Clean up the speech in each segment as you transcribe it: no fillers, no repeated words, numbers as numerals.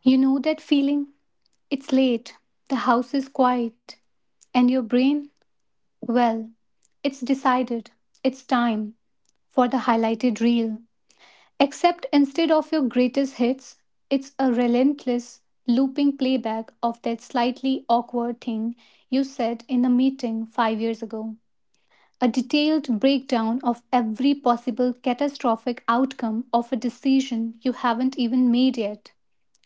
You know that feeling? It's late, the house is quiet, and your brain, well, it's decided, it's time for the highlighted reel. Except instead of your greatest hits, it's a relentless, looping playback of that slightly awkward thing you said in the meeting 5 years ago, a detailed breakdown of every possible catastrophic outcome of a decision you haven't even made yet,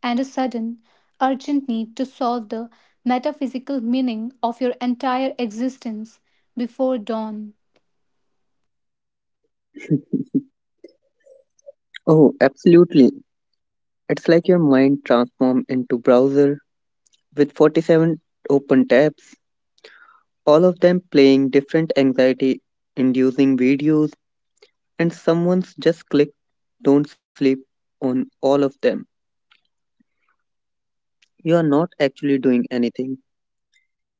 and a sudden, urgent need to solve the metaphysical meaning of your entire existence before dawn. Oh, absolutely. It's like your mind transformed into browser with 47 open tabs, all of them playing different anxiety inducing videos, and someone's just click don't sleep on all of them. You are not actually doing anything.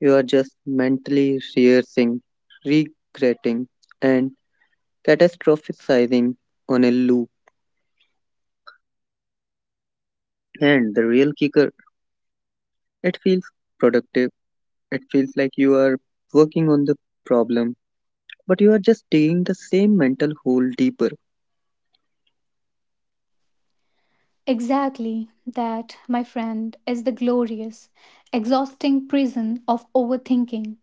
You are just mentally rehearsing, regretting, and catastrophizing on a loop. And the real kicker, it feels productive. It feels like you are working on the problem but you are just digging the same mental hole deeper. Exactly that, my friend, is the glorious, exhausting prison of overthinking.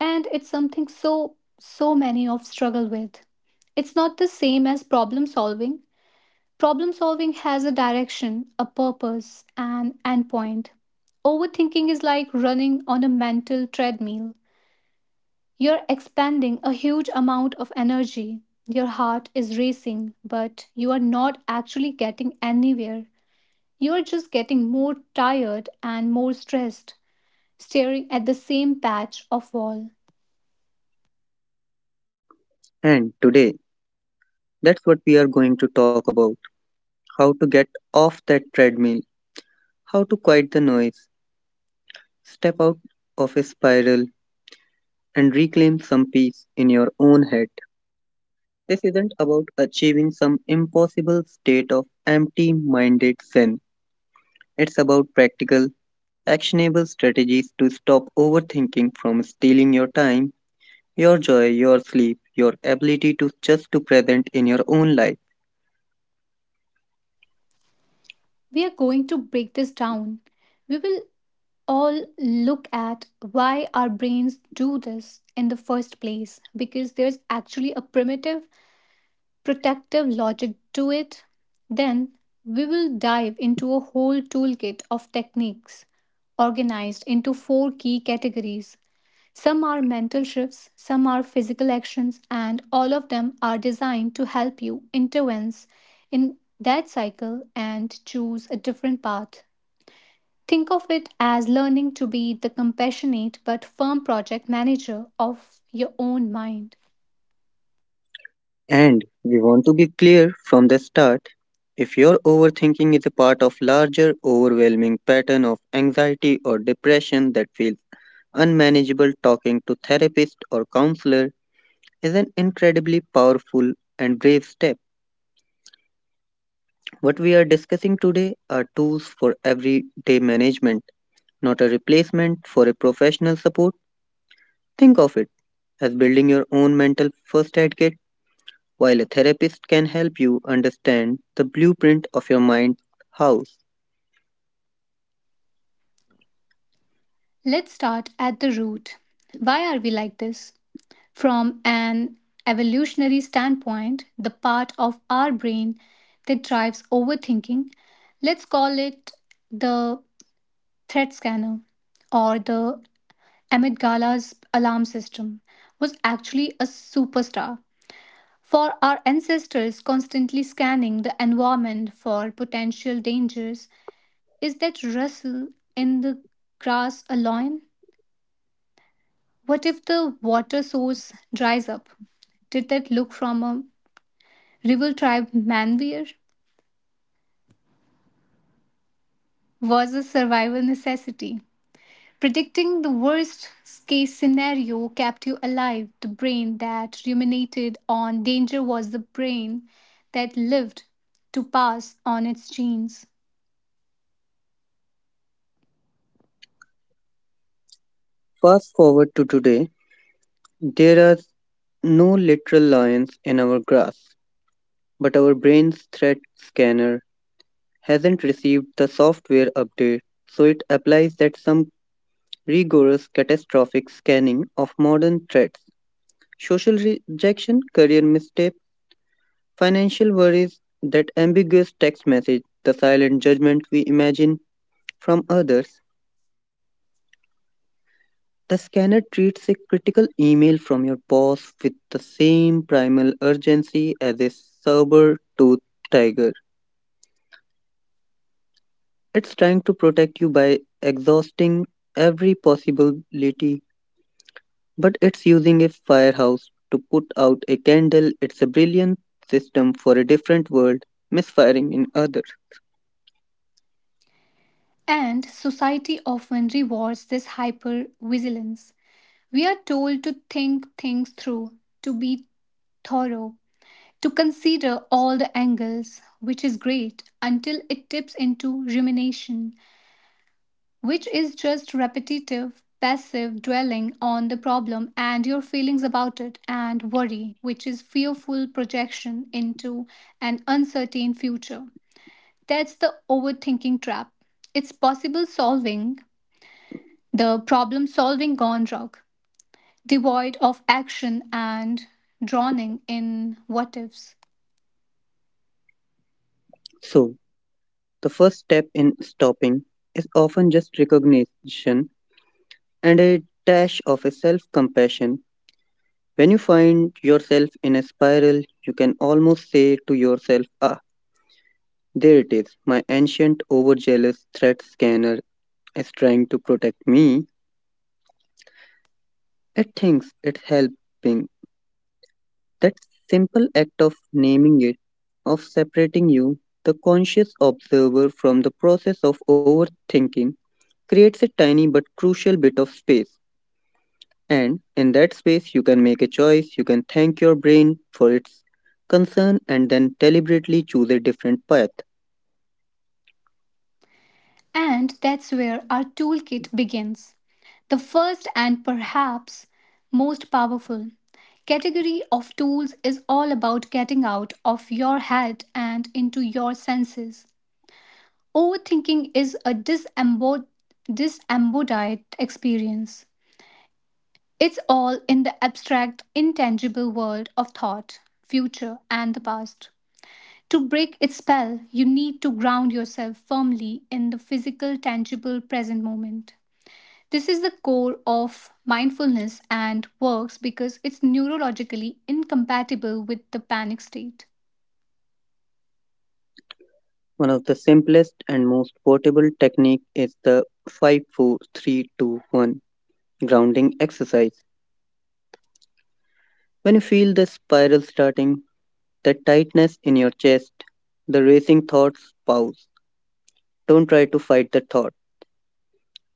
And it's something so, so many of struggle with. It's not the same as problem solving. Problem solving has a direction, a purpose, an endpoint. Overthinking is like running on a mental treadmill. You're expending a huge amount of energy. Your heart is racing, but you are not actually getting anywhere. You are just getting more tired and more stressed, staring at the same patch of wall. And today, that's what we are going to talk about how to get off that treadmill, how to quiet the noise, step out of a spiral, and reclaim some peace in your own head. This isn't about achieving some impossible state of empty minded zen, it's about practical actionable strategies to stop overthinking from stealing your time, your joy, your sleep, your ability to just to present in your own life. We are going to break this down. We will all look at why our brains do this in the first place, because there's actually a primitive protective logic to it. Then we will dive into a whole toolkit of techniques organized into four key categories. Some are mental shifts, some are physical actions, and all of them are designed to help you intervene in that cycle and choose a different path. Think of it as learning to be the compassionate but firm project manager of your own mind. And we want to be clear from the start, if your overthinking is a part of larger overwhelming pattern of anxiety or depression that feels unmanageable, talking to therapist or counselor is an incredibly powerful and brave step. What we are discussing today are tools for everyday management, not a replacement for a professional support. Think of it as building your own mental first aid kit while a therapist can help you understand the blueprint of your mind house. Let's start at the root. Why are we like this? From an evolutionary standpoint, the part of our brain that drives overthinking, let's call it the threat scanner or the amygdala's alarm system, was actually a superstar. For our ancestors, constantly scanning the environment for potential dangers, is that rustle in the grass a loin? What if the water source dries up? Did that look from a rival tribe manweir? Was a survival necessity. Predicting the worst case scenario kept you alive. The brain that ruminated on danger was the brain that lived to pass on its genes. Fast forward to today, there are no literal lions in our grass, but our brain's threat scanner hasn't received the software update, so it applies that some rigorous catastrophic scanning of modern threats. Social rejection, career misstep, financial worries, that ambiguous text message, the silent judgment we imagine from others, the scanner treats a critical email from your boss with the same primal urgency as a saber toothed tiger. It's trying to protect you by exhausting every possibility, but it's using a firehouse to put out a candle. It's a brilliant system for a different world, misfiring in others. And society often rewards this hypervigilance. We are told to think things through, to be thorough, to consider all the angles, which is great, until it tips into rumination, which is just repetitive, passive dwelling on the problem and your feelings about it, and worry, which is fearful projection into an uncertain future. That's the overthinking trap. It's possible solving, the problem solving gone rogue, devoid of action and drowning in what ifs. So, the first step in stopping is often just recognition and a dash of a self compassion. When you find yourself in a spiral, you can almost say to yourself, ah, there it is, my ancient overzealous threat scanner is trying to protect me. It thinks it's helping. That simple act of naming it, of separating you, the conscious observer from the process of overthinking, creates a tiny but crucial bit of space. And in that space, you can make a choice, you can thank your brain for its concern, and then deliberately choose a different path. And that's where our toolkit begins. The first and perhaps most powerful category of tools is all about getting out of your head and into your senses. Overthinking is a disembodied experience. It's all in the abstract, intangible world of thought, future, and the past. To break its spell, you need to ground yourself firmly in the physical, tangible, present moment. This is the core of mindfulness and works because it's neurologically incompatible with the panic state. One of the simplest and most portable technique is the five, four, three, two, one grounding exercise. When you feel the spiral starting, the tightness in your chest, the racing thoughts, pause. Don't try to fight the thought.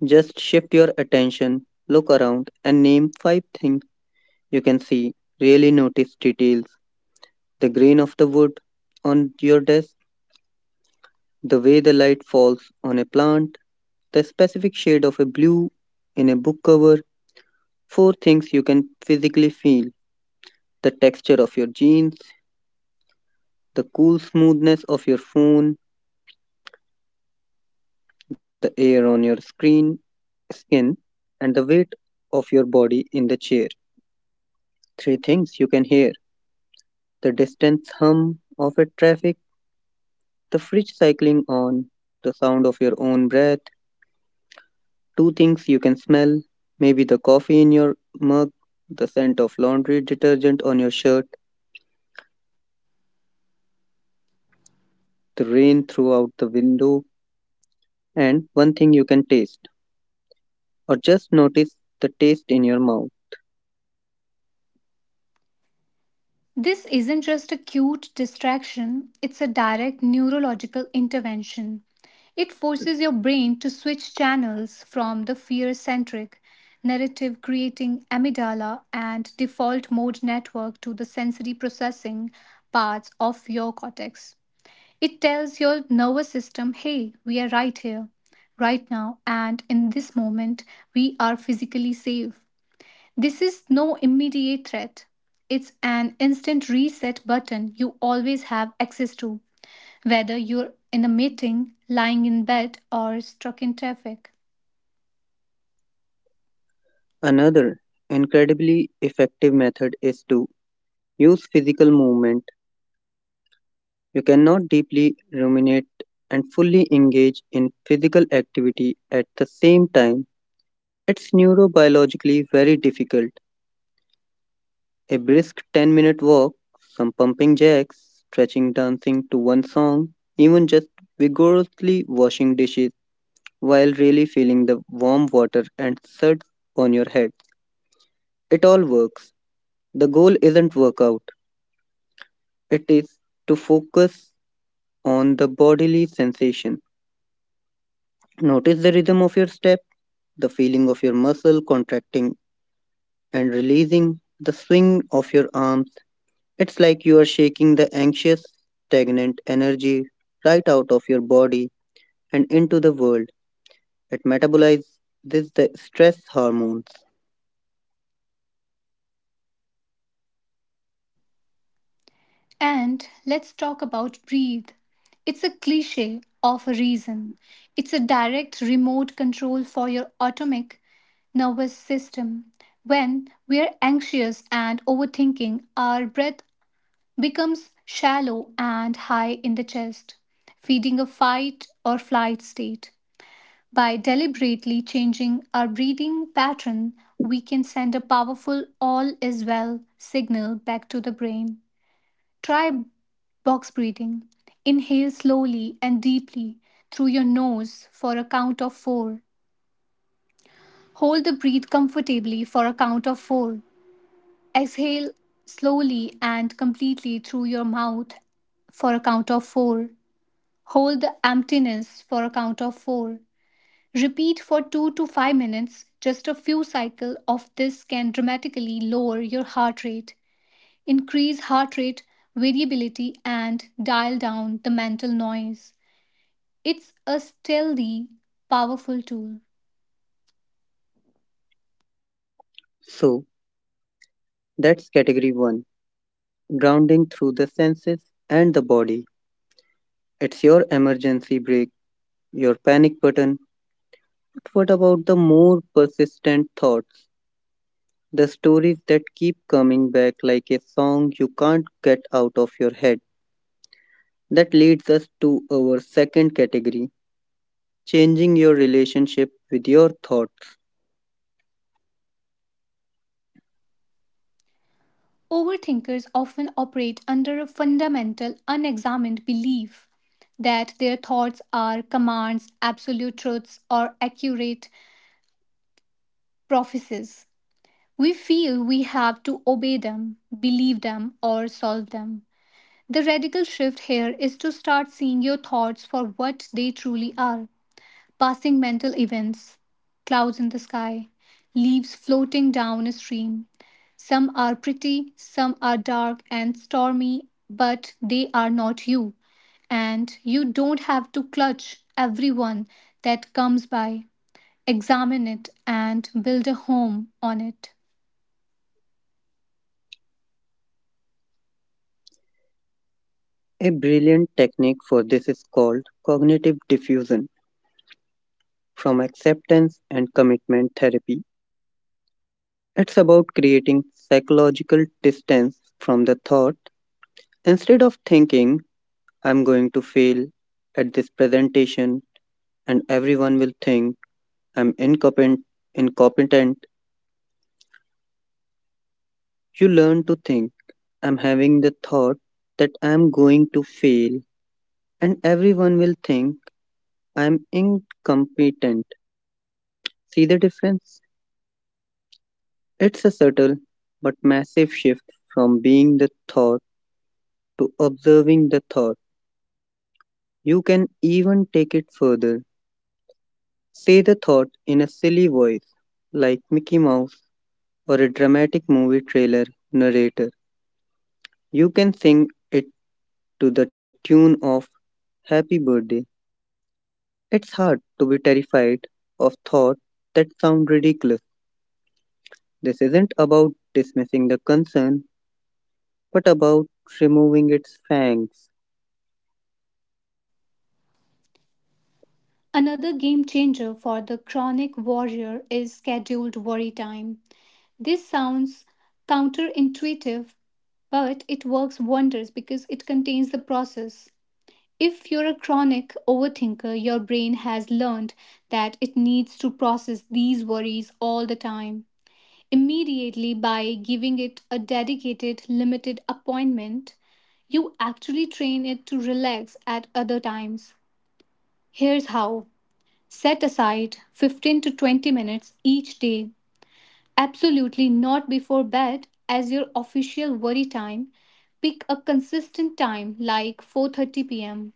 Just shift your attention, look around, and name five things you can see. Really notice details, the grain of the wood on your desk, the way the light falls on a plant, the specific shade of a blue in a book cover, four things you can physically feel, the texture of your jeans, the cool smoothness of your phone, the air on your screen, skin, and the weight of your body in the chair. Three things you can hear, the distance hum of a traffic, the fridge cycling on, the sound of your own breath. Two things you can smell, maybe the coffee in your mug, the scent of laundry detergent on your shirt, the rain throughout the window, and one thing you can taste, or just notice the taste in your mouth. This isn't just a cute distraction, it's a direct neurological intervention. It forces your brain to switch channels from the fear centric, narrative creating amygdala and default mode network to the sensory processing parts of your cortex. It tells your nervous system, hey, we are right here, right now, and in this moment, we are physically safe. This is no immediate threat. It's an instant reset button you always have access to, whether you're in a meeting, lying in bed, or stuck in traffic. Another incredibly effective method is to use physical movement. You cannot deeply ruminate and fully engage in physical activity at the same time. It's neurobiologically very difficult. A brisk 10-minute walk, some pumping jacks, stretching, dancing to one song, even just vigorously washing dishes while really feeling the warm water and suds on your head. It all works. The goal isn't workout, it is to focus on the bodily sensation. Notice the rhythm of your step, the feeling of your muscle contracting and releasing, the swing of your arms. It's like you are shaking the anxious, stagnant energy right out of your body and into the world. It metabolizes the stress hormones. And let's talk about breathe. It's a cliche of a reason. It's a direct remote control for your autonomic nervous system. When we are anxious and overthinking, our breath becomes shallow and high in the chest, feeding a fight or flight state. By deliberately changing our breathing pattern, we can send a powerful all is well signal back to the brain. Try box breathing. Inhale slowly and deeply through your nose for a count of four. Hold the breath comfortably for a count of four. Exhale slowly and completely through your mouth for a count of four. Hold the emptiness for a count of 4. Repeat for 2 to 5 minutes. Just a few cycles of this can dramatically lower your heart rate, increase heart rate variability, and dial down the mental noise. It's a stealthy, powerful tool. So, that's category 1, grounding through the senses and the body. It's your emergency brake, your panic button. But what about the more persistent thoughts? The stories that keep coming back like a song you can't get out of your head. That leads us to our second category, changing your relationship with your thoughts. Overthinkers often operate under a fundamental, unexamined belief that their thoughts are commands, absolute truths, or accurate prophecies. We feel we have to obey them, believe them, or solve them. The radical shift here is to start seeing your thoughts for what they truly are: passing mental events, clouds in the sky, leaves floating down a stream. Some are pretty, some are dark and stormy, but they are not you. And you don't have to clutch everyone that comes by. Examine it and build a home on it. A brilliant technique for this is called cognitive diffusion from acceptance and commitment therapy. It's about creating psychological distance from the thought. Instead of thinking, I'm going to fail at this presentation and everyone will think I'm incompetent, incompetent, you learn to think, I'm having the thought that I'm going to fail and everyone will think I'm incompetent. See the difference? It's a subtle but massive shift from being the thought to observing the thought. You can even take it further. Say the thought in a silly voice, like Mickey Mouse or a dramatic movie trailer narrator. You can sing it to the tune of Happy Birthday. It's hard to be terrified of thoughts that sound ridiculous. This isn't about dismissing the concern. What about removing its fangs? Another game changer for the chronic warrior is scheduled worry time. This sounds counterintuitive, but it works wonders because it contains the process. If you're a chronic overthinker, your brain has learned that it needs to process these worries all the time. Immediately, by giving it a dedicated, limited appointment, you actually train it to relax at other times. Here's how. Set aside 15 to 20 minutes each day, absolutely not before bed, as your official worry time. Pick a consistent time like 4:30 p.m.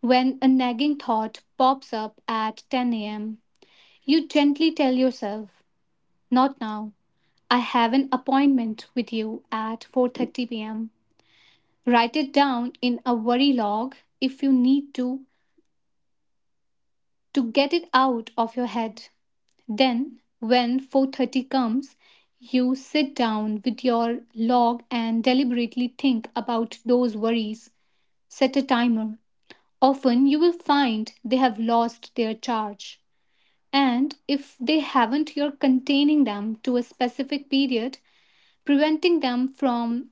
When a nagging thought pops up at 10 a.m., you gently tell yourself, "Not now. I have an appointment with you at 4:30 p.m." Write it down in a worry log if you need to get it out of your head. Then, when 4:30 comes, you sit down with your log and deliberately think about those worries. Set a timer. Often you will find they have lost their charge. And if they haven't, you're containing them to a specific period, preventing them from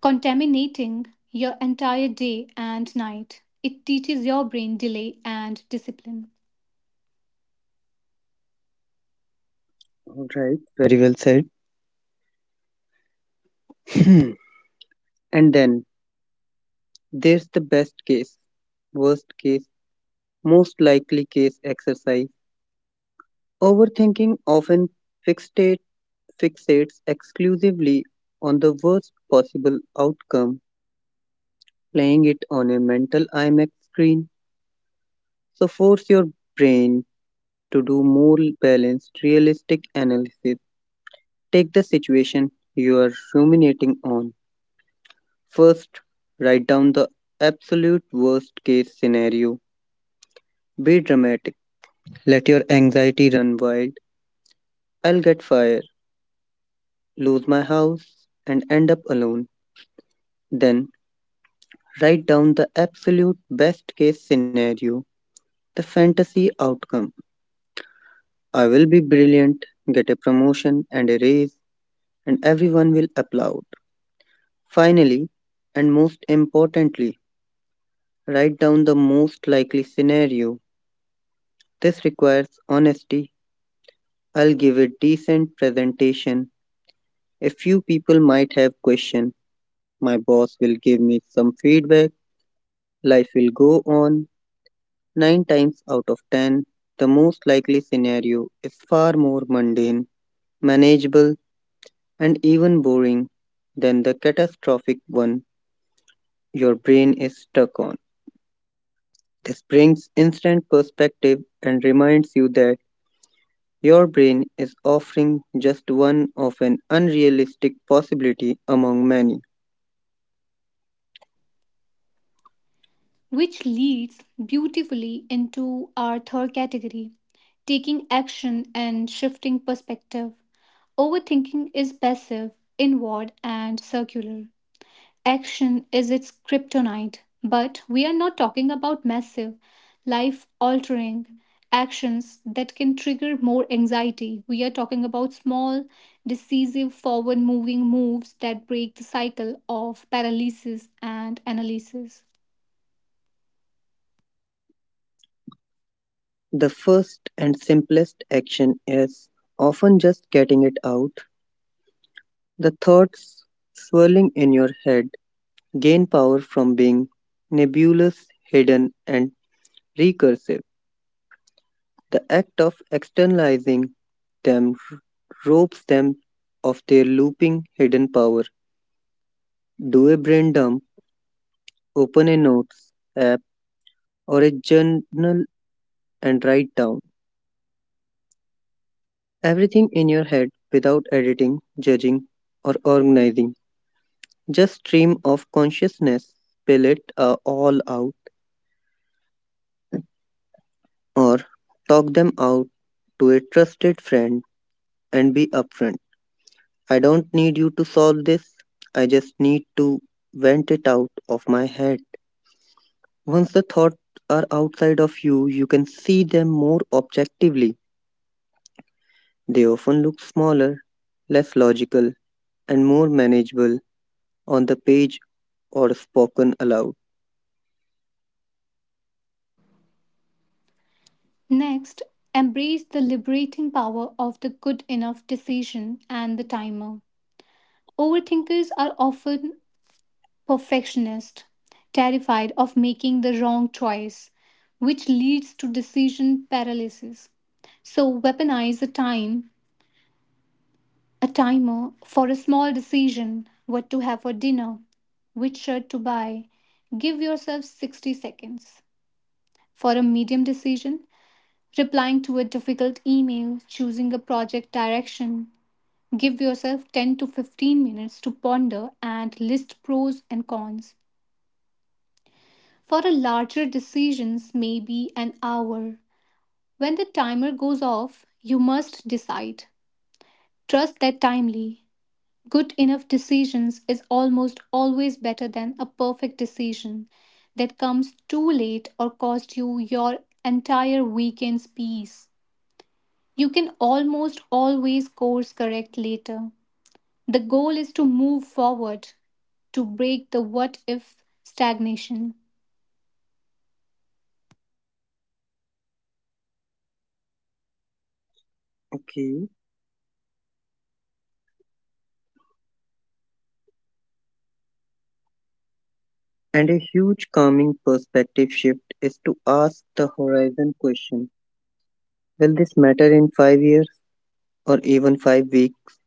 contaminating your entire day and night. It teaches your brain delay and discipline. All right, very well said. Hmm. And then there's the best case, worst case, most likely case exercise. Overthinking often fixate, fixates exclusively on the worst possible outcome, playing it on a mental IMAX screen. So force your brain to do more balanced, realistic analysis. Take the situation you are ruminating on. First, write down the absolute worst case scenario. Be dramatic. Let your anxiety run wild. I'll get fired, lose my house, and end up alone. Then, write down the absolute best case scenario, the fantasy outcome. I will be brilliant, get a promotion and a raise, and everyone will applaud. Finally, and most importantly, write down the most likely scenario. This requires honesty. I'll give a decent presentation. A few people might have questions. My boss will give me some feedback. Life will go on. Nine times out of ten, the most likely scenario is far more mundane, manageable, and even boring than the catastrophic one your brain is stuck on. This brings instant perspective and reminds you that your brain is offering just one of an unrealistic possibility among many. Which leads beautifully into our third category: taking action and shifting perspective. Overthinking is passive, inward, and circular. Action is its kryptonite, but we are not talking about massive, life altering actions that can trigger more anxiety. We are talking about small, decisive, forward moving moves that break the cycle of paralysis and analysis. The first and simplest action is often just getting it out. The thoughts swirling in your head gain power from being nebulous, hidden, and recursive. The act of externalizing them robs them of their looping hidden power. Do a brain dump, open a notes app or a journal and write down everything in your head without editing, judging, or organizing. Just stream of consciousness, spill it all out, or talk them out to a trusted friend and be upfront. I don't need you to solve this, I just need to vent it out of my head. Once the thoughts are outside of you, you can see them more objectively. They often look smaller, less logical, and more manageable on the page or spoken aloud. Next, embrace the liberating power of the good enough decision and the timer. Overthinkers are often perfectionists, terrified of making the wrong choice, which leads to decision paralysis. So, weaponize a time, a timer for a small decision, what to have for dinner, which shirt to buy. Give yourself 60 seconds. For a medium decision, replying to a difficult email, choosing a project direction. Give yourself 10 to 15 minutes to ponder and list pros and cons. For a larger decisions, maybe an hour. When the timer goes off, you must decide. Trust that timely. Good enough decisions is almost always better than a perfect decision that comes too late or cost you your entire weekend's peace. You can almost always course correct later. The goal is to move forward, to break the what if stagnation. Okay. And a huge calming perspective shift is to ask the horizon question, will this matter in 5 years or even 5 weeks?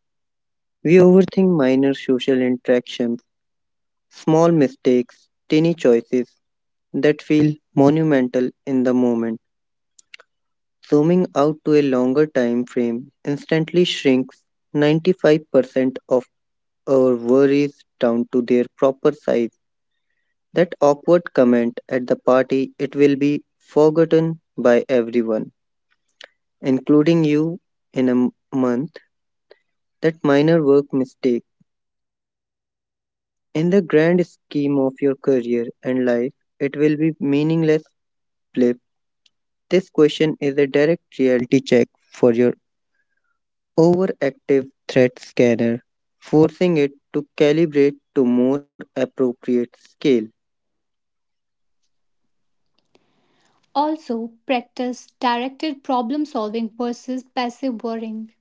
We overthink minor social interactions, small mistakes, tiny choices that feel monumental in the moment. Zooming out to a longer time frame instantly shrinks 95% of our worries down to their proper size. That awkward comment at the party, it will be forgotten by everyone, including you, in a month. That minor work mistake, in the grand scheme of your career and life, it will be meaningless flip. This question is a direct reality check for your overactive threat scanner, forcing it to calibrate to more appropriate scale. Also, practice directed problem solving versus passive worrying.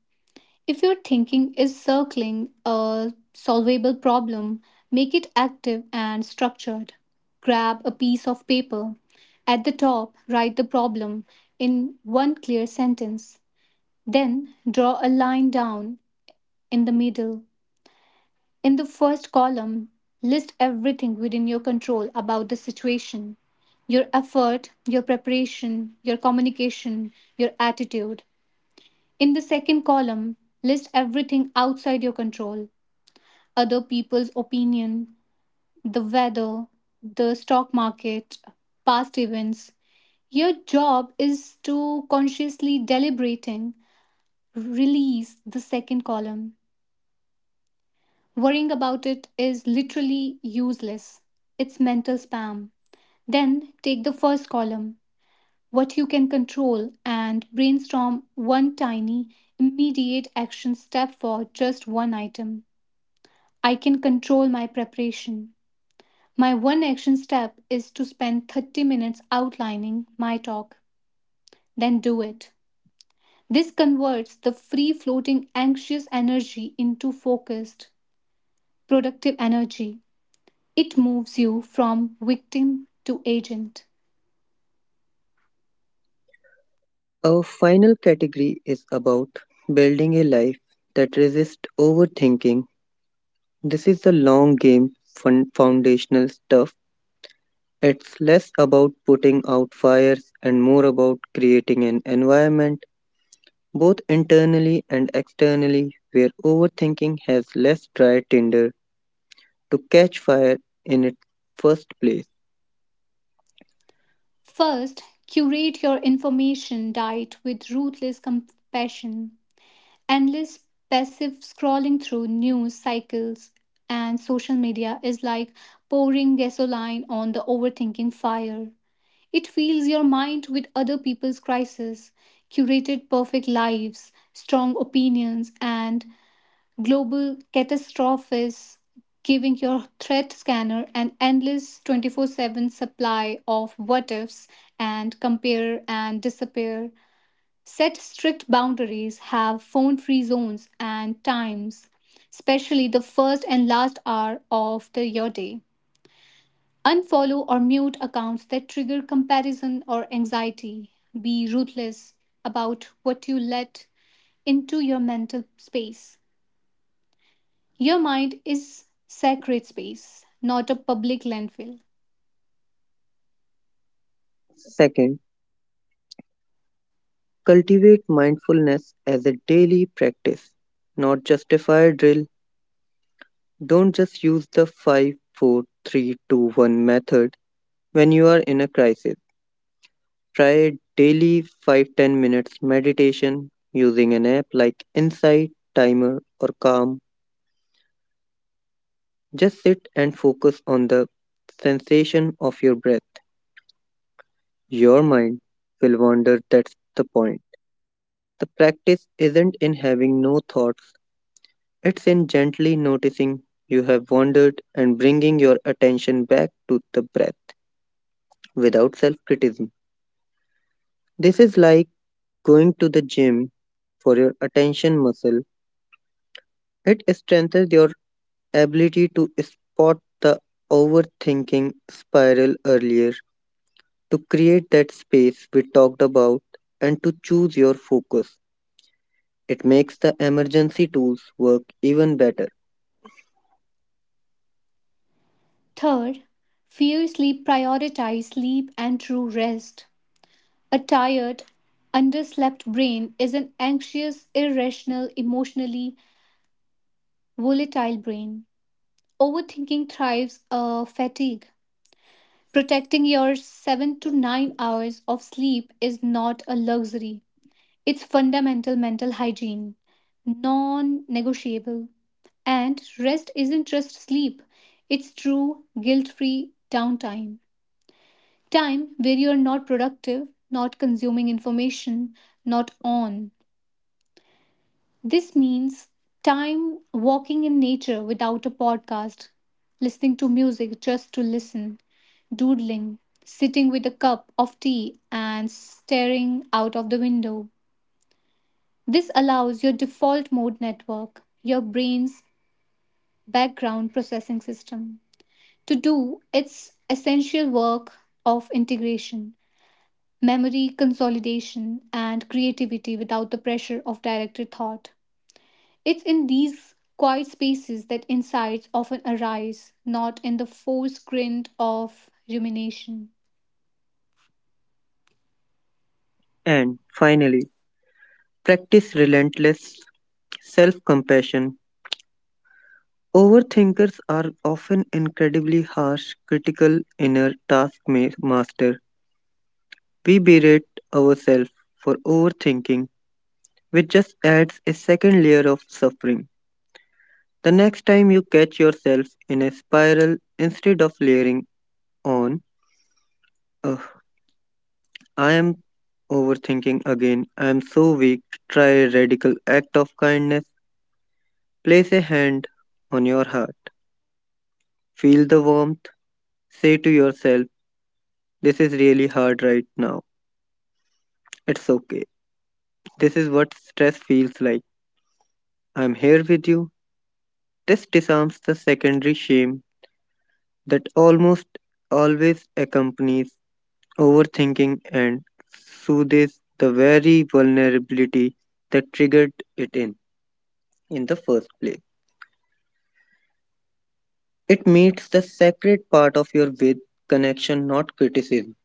If your thinking is circling a solvable problem, make it active and structured. Grab a piece of paper. At the top, write the problem in one clear sentence. Then draw a line down in the middle. In the first column, list everything within your control about the situation: your effort, your preparation, your communication, your attitude. In the second column, list everything outside your control: other people's opinion, the weather, the stock market, past events. Your job is to consciously deliberating release the second column. Worrying about it is literally useless. It's mental spam. Then take the first column, what you can control, and brainstorm one tiny, immediate action step for just one item. I can control my preparation. My one action step is to spend 30 minutes outlining my talk. Then do it. This converts the free floating anxious energy into focused, productive energy. It moves you from victim to agent. Our final category is about building a life that resists overthinking. This is the long game foundational stuff. It's less about putting out fires and more about creating an environment, both internally and externally, where overthinking has less dry tinder to catch fire in its first place. First, curate your information diet with ruthless compassion. Endless passive scrolling through news cycles and social media is like pouring gasoline on the overthinking fire. It fills your mind with other people's crises, curated perfect lives, strong opinions, and global catastrophes, giving your threat scanner an endless 24/7 supply of what ifs and compare and disappear. Set strict boundaries, have phone free zones and times, especially the first and last hour of your day. Unfollow or mute accounts that trigger comparison or anxiety. Be ruthless about what you let into your mental space. Your mind is sacred space, not a public landfill. Second, cultivate mindfulness as a daily practice, not just a fire drill. Don't just use the five, four, three, two, one method when you are in a crisis. Try daily 5 to 10 minutes meditation using an app like Insight, Timer, or Calm. Just sit and focus on the sensation of your breath. Your mind will wander, that's the point. The practice isn't in having no thoughts, it's in gently noticing you have wandered and bringing your attention back to the breath without self criticism. This is like going to the gym for your attention muscle. It strengthens your ability to spot the overthinking spiral earlier, to create that space we talked about, and to choose your focus. It makes the emergency tools work even better. Third, fear sleep prioritize sleep and true rest. A tired, underslept brain is an anxious, irrational, emotionally volatile brain. Overthinking thrives fatigue. Protecting your 7 to 9 hours of sleep is not a luxury. It's fundamental mental hygiene, non negotiable. And rest isn't just sleep, it's true, guilt free downtime. Time where you're not productive, not consuming information, not on. This means time walking in nature without a podcast, listening to music just to listen, doodling, sitting with a cup of tea, and staring out of the window. This allows your default mode network, your brain's background processing system, to do its essential work of integration, memory consolidation, and creativity without the pressure of directed thought. It's in these quiet spaces that insights often arise, not in the forced grind of rumination. And finally, practice relentless self compassion. Overthinkers are often incredibly harsh, critical inner taskmaster. We berate ourselves for overthinking, which just adds a second layer of suffering. The next time you catch yourself in a spiral, instead of layering on, ugh, I am overthinking again, I am so weak, try a radical act of kindness. Place a hand on your heart, feel the warmth, say to yourself, this is really hard right now. It's okay. This is what stress feels like. I'm here with you. This disarms the secondary shame that almost always accompanies overthinking and soothes the very vulnerability that triggered it in the first place. It meets the sacred part of your with connection, not criticism.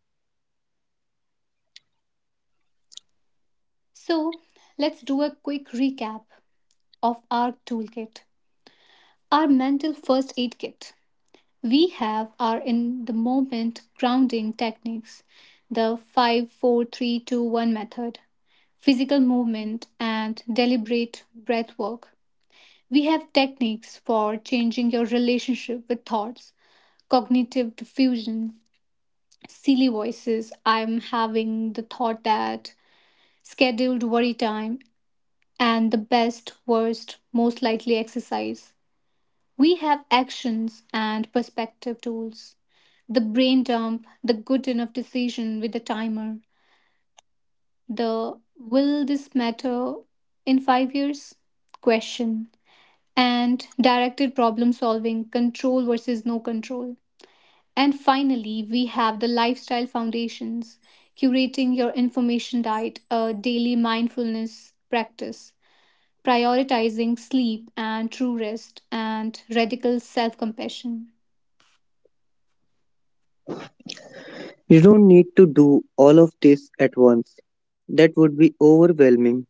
So, let's do a quick recap of our toolkit. Our mental first aid kit: we have are in the moment grounding techniques, the 5 4 3 2 1 method, physical movement, and deliberate breath work. We have techniques for changing your relationship with thoughts: cognitive diffusion, silly voices, I'm having the thought that, scheduled worry time, and the best, worst, most likely exercise. We have actions and perspective tools: the brain dump, the good enough decision with the timer, the will this matter in 5 years question, and directed problem solving, control versus no control. And finally, we have the lifestyle foundations: curating your information diet, a daily mindfulness practice, prioritizing sleep and true rest, and radical self compassion. You don't need to do all of this at once. That would be overwhelming.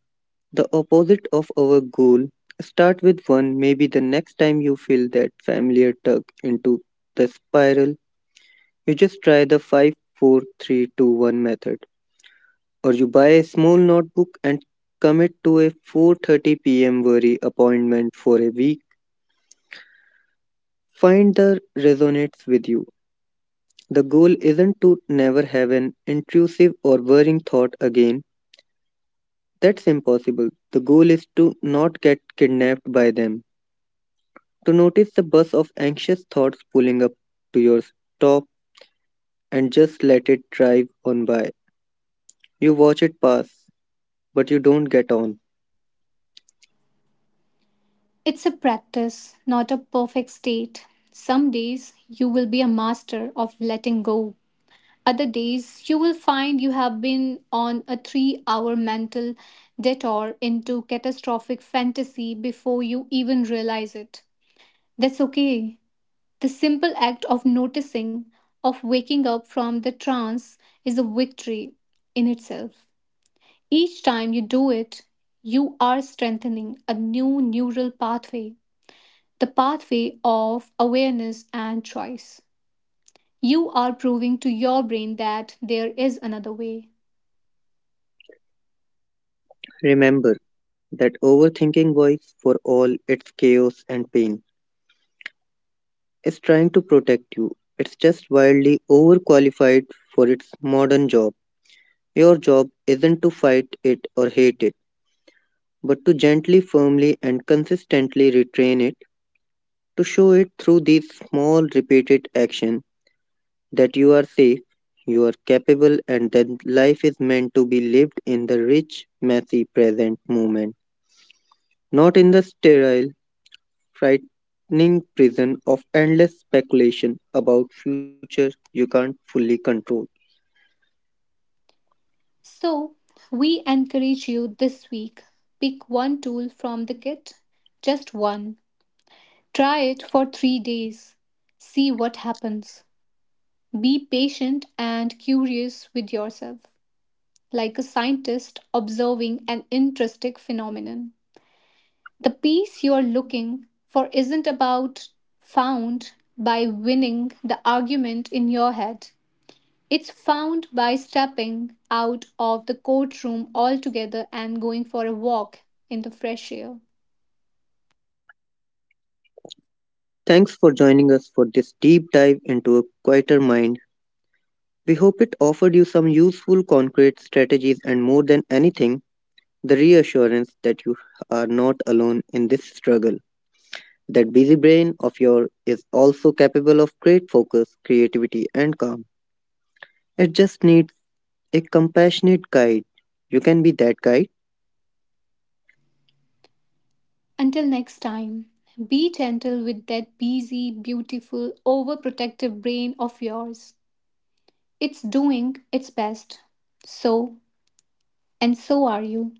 The opposite of our goal. Start with one, maybe the next time you feel that familiar tug into the spiral, you just try the five, four, three, two, one method or you buy a small notebook and commit to a 4:30 p.m. worry appointment for a week, find the resonates with you. The goal isn't to never have an intrusive or worrying thought again. That's impossible. The goal is to not get kidnapped by them. To notice the bus of anxious thoughts pulling up to your stop and just let it drive on by. You watch it pass, but you don't get on. It's a practice, not a perfect state. Some days you will be a master of letting go. Other days you will find you have been on a 3 hour mental detour into catastrophic fantasy before you even realize it. That's okay. The simple act of noticing, of waking up from the trance, is a victory in itself. Each time you do it, you are strengthening a new neural pathway, the pathway of awareness and choice. You are proving to your brain that there is another way. Remember, that overthinking voice, for all its chaos and pain, is trying to protect you. It's just wildly overqualified for its modern job. Your job isn't to fight it or hate it, but to gently, firmly, and consistently retrain it, to show it through these small, repeated actions that you are safe, you are capable, and that life is meant to be lived in the rich, messy present moment, not in the sterile, frightening prison of endless speculation about future you can't fully control. So, we encourage you this week: pick one tool from the kit, just one. Try it for 3 days. See what happens. Be patient and curious with yourself, like a scientist observing an interesting phenomenon. The peace you are looking for isn't about found by winning the argument in your head. It's found by stepping out of the courtroom altogether and going for a walk in the fresh air. Thanks for joining us for this deep dive into a quieter mind. We hope it offered you some useful concrete strategies and more than anything, the reassurance that you are not alone in this struggle. That busy brain of yours is also capable of great focus, creativity, and calm. It just needs a compassionate guide. You can be that guide. Until next time, be gentle with that busy, beautiful, overprotective brain of yours. It's doing its best. So, and so are you.